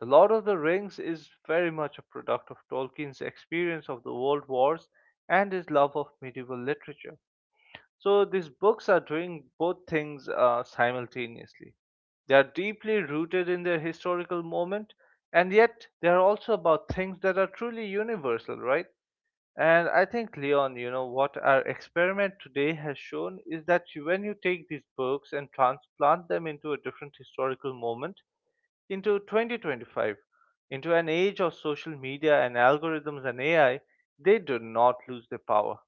Speaker 2: The Lord of the Rings is very much a product of Tolkien's experience of the world wars and his love of medieval literature. So these books are doing both things simultaneously. They are deeply rooted in their historical moment, and yet they are also about things that are truly universal, right? And I think, Leon, you know, what our experiment today has shown is that when you take these books and transplant them into a different historical moment, into 2025, into an age of social media and algorithms and AI, they do not lose their power,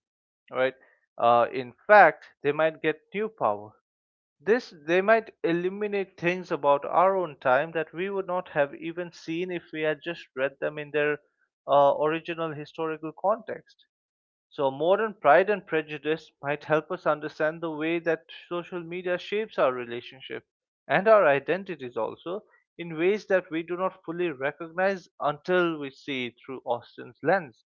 Speaker 2: right? In fact, they might get new power. This they might eliminate things about our own time that we would not have even seen if we had just read them in their original historical context. So, modern Pride and Prejudice might help us understand the way that social media shapes our relationship and our identities also in ways that we do not fully recognize until we see through Austen's lens.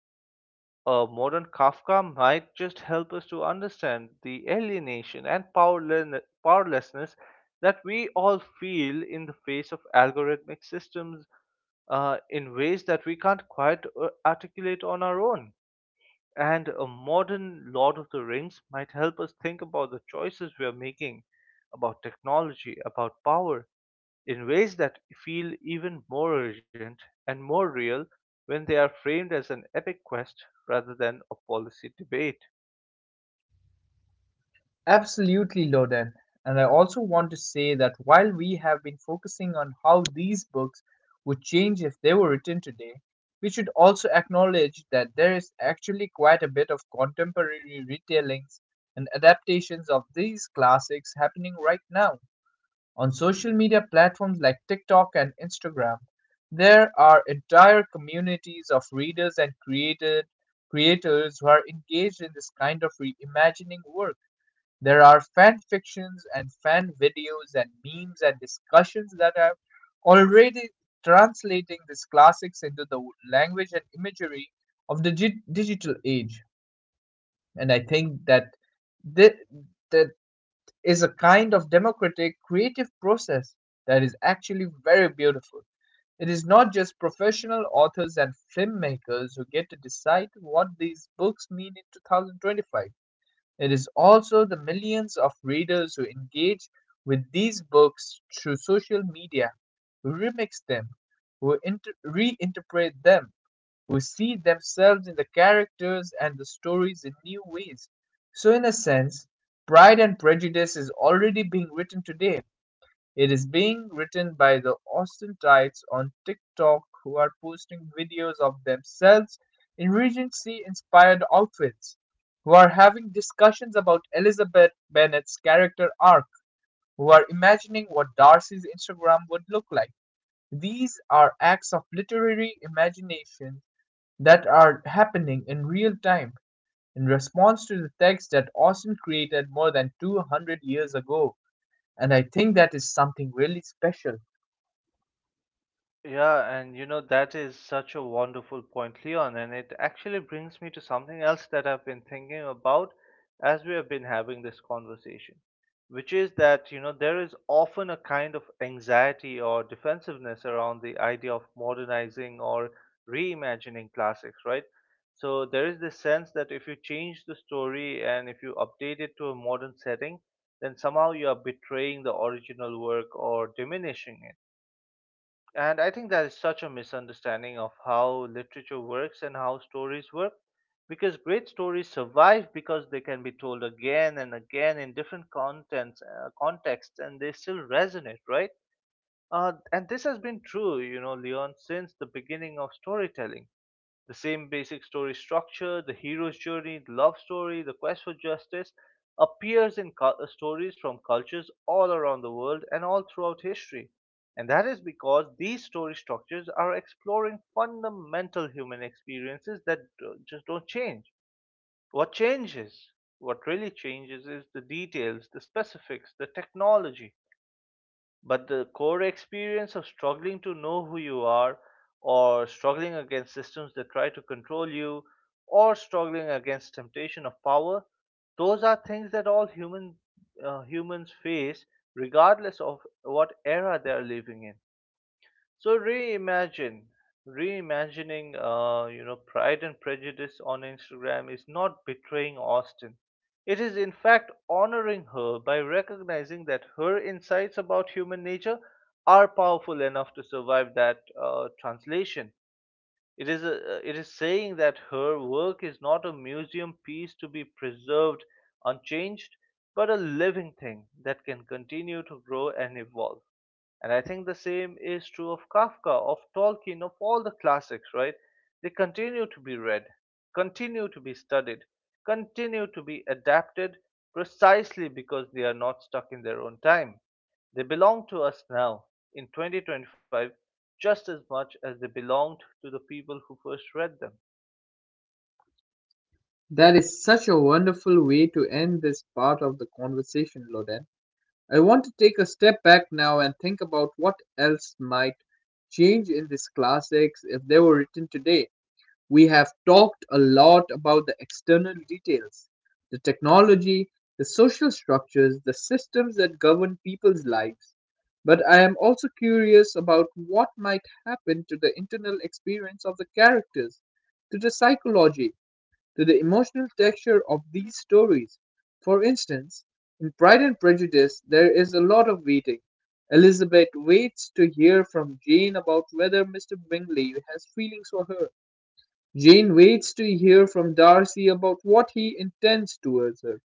Speaker 2: A modern Kafka might just help us to understand the alienation and powerlessness that we all feel in the face of algorithmic systems in ways that we can't quite articulate on our own. And a modern Lord of the Rings might help us think about the choices we are making, about technology, about power, in ways that feel even more urgent and more real when they are framed as an epic quest rather than a policy debate.
Speaker 1: Absolutely, Loden. And I also want to say that while we have been focusing on how these books would change if they were written today, we should also acknowledge that there is actually quite a bit of contemporary retellings and adaptations of these classics happening right now. On social media platforms like TikTok and Instagram, there are entire communities of readers and creators who are engaged in this kind of reimagining work. There are fan fictions and fan videos and memes and discussions that are already translating these classics into the language and imagery of the digital age. And I think that thi- that is a kind of democratic creative process that is actually very beautiful. It is not just professional authors and filmmakers who get to decide what these books mean in 2025. It is also the millions of readers who engage with these books through social media, who remix them, who reinterpret them, who see themselves in the characters and the stories in new ways. So, in a sense, Pride and Prejudice is already being written today. It is being written by the Austin types on TikTok who are posting videos of themselves in Regency inspired outfits, who are having discussions about Elizabeth Bennet's character arc, who are imagining what Darcy's Instagram would look like. These are acts of literary imagination that are happening in real time in response to the text that Austin created more than 200 years ago. And I think that is something really special.
Speaker 2: Yeah, and you know, that is such a wonderful point, Leon. And it actually brings me to something else that I've been thinking about as we have been having this conversation, which is that, you know, there is often a kind of anxiety or defensiveness around the idea of modernizing or reimagining classics, right? So there is this sense that if you change the story and if you update it to a modern setting, then somehow you are betraying the original work or diminishing it. And I think that is such a misunderstanding of how literature works and how stories work. Because great stories survive because they can be told again and again in different contexts, and they still resonate, right? And this has been true, you know, Leon, since the beginning of storytelling. The same basic story structure, the hero's journey, the love story, the quest for justice, appears in stories from cultures all around the world and all throughout history. And that is because these story structures are exploring fundamental human experiences that just don't change. What changes, what really changes, is the details, the specifics, the technology, but the core experience of struggling to know who you are, or struggling against systems that try to control you, or struggling against temptation of power, those are things that all humans face, regardless of what era they are living in. So reimagining, you know, Pride and Prejudice on Instagram is not betraying Austen. It is in fact honoring her by recognizing that her insights about human nature are powerful enough to survive that translation. It is saying that her work is not a museum piece to be preserved unchanged, but a living thing that can continue to grow and evolve. And I think the same is true of Kafka, of Tolkien, of all the classics, right? They continue to be read, continue to be studied, continue to be adapted precisely because they are not stuck in their own time. They belong to us now, in 2025, just as much as they belonged to the people who first read them.
Speaker 1: That is such a wonderful way to end this part of the conversation, Loden. I want to take a step back now and think about what else might change in these classics if they were written today. We have talked a lot about the external details, the technology, the social structures, the systems that govern people's lives. But I am also curious about what might happen to the internal experience of the characters, to the psychology, to the emotional texture of these stories. For instance, in Pride and Prejudice, there is a lot of waiting. Elizabeth waits to hear from Jane about whether Mr. Bingley has feelings for her. Jane waits to hear from Darcy about what he intends towards her.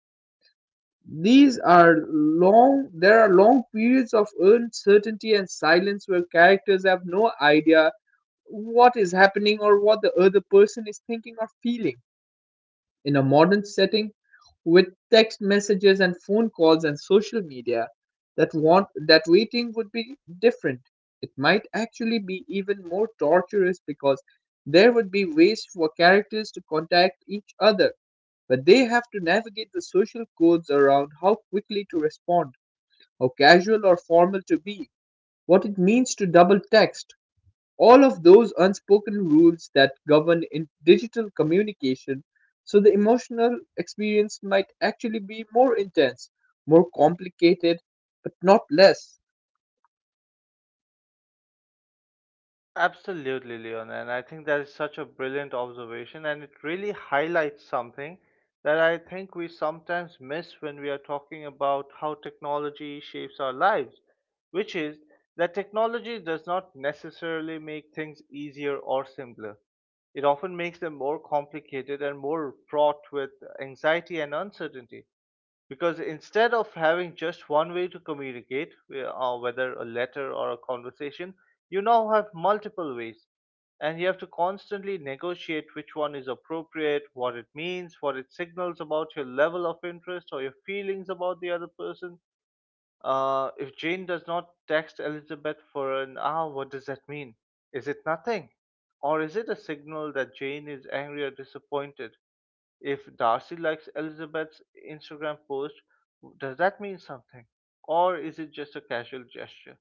Speaker 1: These are long there are long periods of uncertainty and silence where characters have no idea what is happening or what the other person is thinking or feeling. In a modern setting, with text messages and phone calls and social media, that waiting would be different. It might actually be even more torturous because there would be ways for characters to contact each other, but they have to navigate the social codes around how quickly to respond, how casual or formal to be, what it means to double text, all of those unspoken rules that govern in digital communication. So the emotional experience might actually be more intense, more complicated, but not less.
Speaker 2: Absolutely, Leon. And I think that is such a brilliant observation, and it really highlights something that I think we sometimes miss when we are talking about how technology shapes our lives, which is that technology does not necessarily make things easier or simpler. It often makes them more complicated and more fraught with anxiety and uncertainty because instead of having just one way to communicate, whether a letter or a conversation, you now have multiple ways. And you have to constantly negotiate which one is appropriate, what it means, what it signals about your level of interest or your feelings about the other person. If Jane does not text Elizabeth for an hour, what does that mean? Is it nothing? Or is it a signal that Jane is angry or disappointed? If Darcy likes Elizabeth's Instagram post, does that mean something? Or is it just a casual gesture?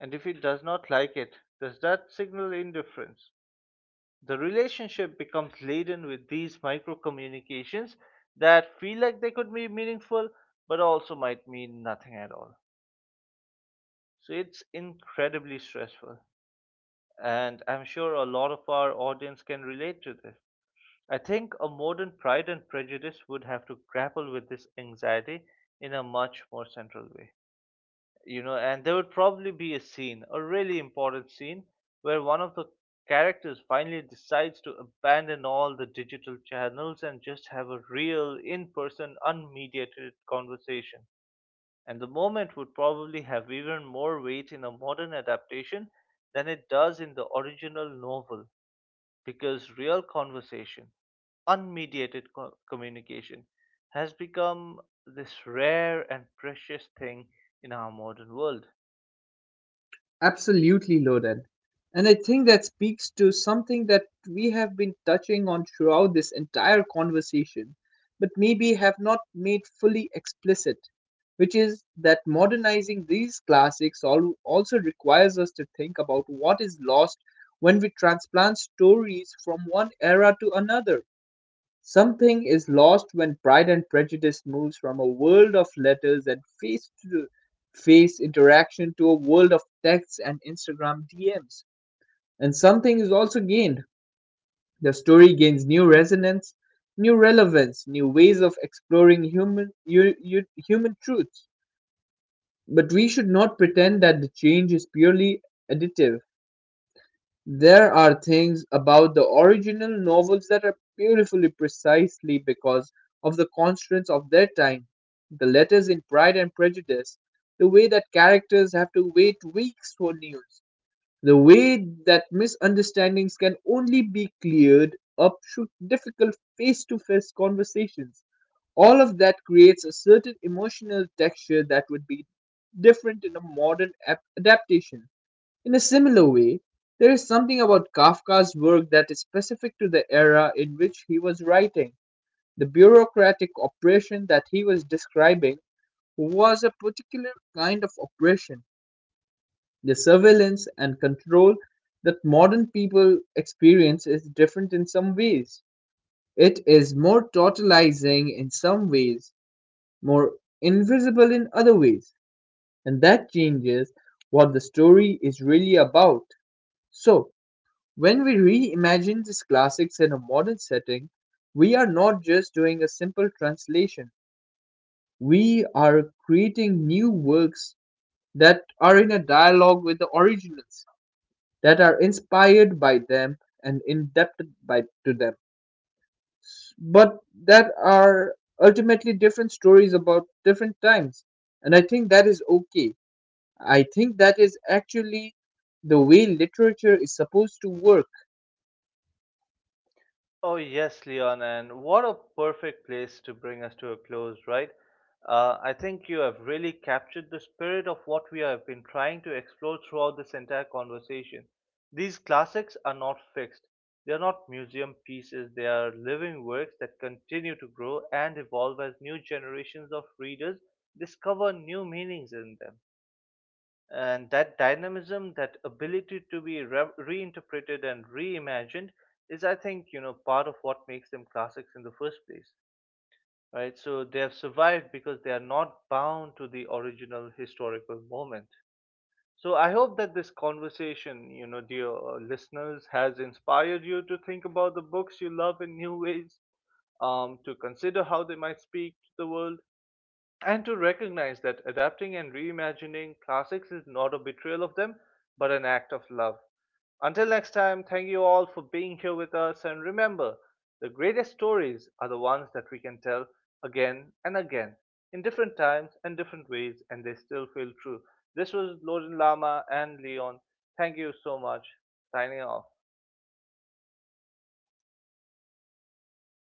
Speaker 2: And if he does not like it, does that signal indifference? The relationship becomes laden with these micro communications that feel like they could be meaningful but also might mean nothing at all. So it's incredibly stressful. And I'm sure a lot of our audience can relate to this. I think a modern Pride and Prejudice would have to grapple with this anxiety in a much more central way. You know, and there would probably be a scene, a really important scene, where one of the characters finally decides to abandon all the digital channels and just have a real, in person, unmediated conversation. And the moment would probably have even more weight in a modern adaptation than it does in the original novel because real conversation, communication, has become this rare and precious thing in our modern world.
Speaker 1: Absolutely, loaded. And I think that speaks to something that we have been touching on throughout this entire conversation, but maybe have not made fully explicit, which is that modernizing these classics also requires us to think about what is lost when we transplant stories from one era to another. Something is lost when Pride and Prejudice moves from a world of letters and face-to-face interaction to a world of texts and Instagram DMs. And something is also gained. The story gains new resonance, new relevance, new ways of exploring human truths. But we should not pretend that the change is purely additive. There are things about the original novels that are beautifully precisely because of the constraints of their time. The letters in Pride and Prejudice, the way that characters have to wait weeks for news, the way that misunderstandings can only be cleared up through difficult face to face conversations. All of that creates a certain emotional texture that would be different in a modern adaptation. In a similar way, there is something about Kafka's work that is specific to the era in which he was writing. The bureaucratic oppression that he was describing was a particular kind of oppression. The surveillance and control that modern people experience is different in some ways. It is more totalizing in some ways, more invisible in other ways, and that changes what the story is really about. So, when we reimagine these classics in a modern setting, we are not just doing a simple translation. We are creating new works that are in a dialogue with the originals, that are inspired by them and indebted by to them, but that are ultimately different stories about different times. And I think that is okay. I think that is actually the way literature is supposed to work.
Speaker 2: Oh, yes, Leon, and what a perfect place to bring us to a close, right? I think you have really captured the spirit of what we have been trying to explore throughout this entire conversation. These classics are not fixed, they are not museum pieces, they are living works that continue to grow and evolve as new generations of readers discover new meanings in them. And that dynamism, that ability to be reinterpreted and reimagined, is, I think, you know, part of what makes them classics in the first place, right? So they have survived because they are not bound to the original historical moment. So I hope that this conversation, you know, dear listeners, has inspired you to think about the books you love in new ways, to consider how they might speak to the world, and to recognize that adapting and reimagining classics is not a betrayal of them, but an act of love. Until next time, thank you all for being here with us. And remember, the greatest stories are the ones that we can tell again and again in different times and different ways, and they still feel true. This was Loden Lama and Leon. Thank you so much. Signing off.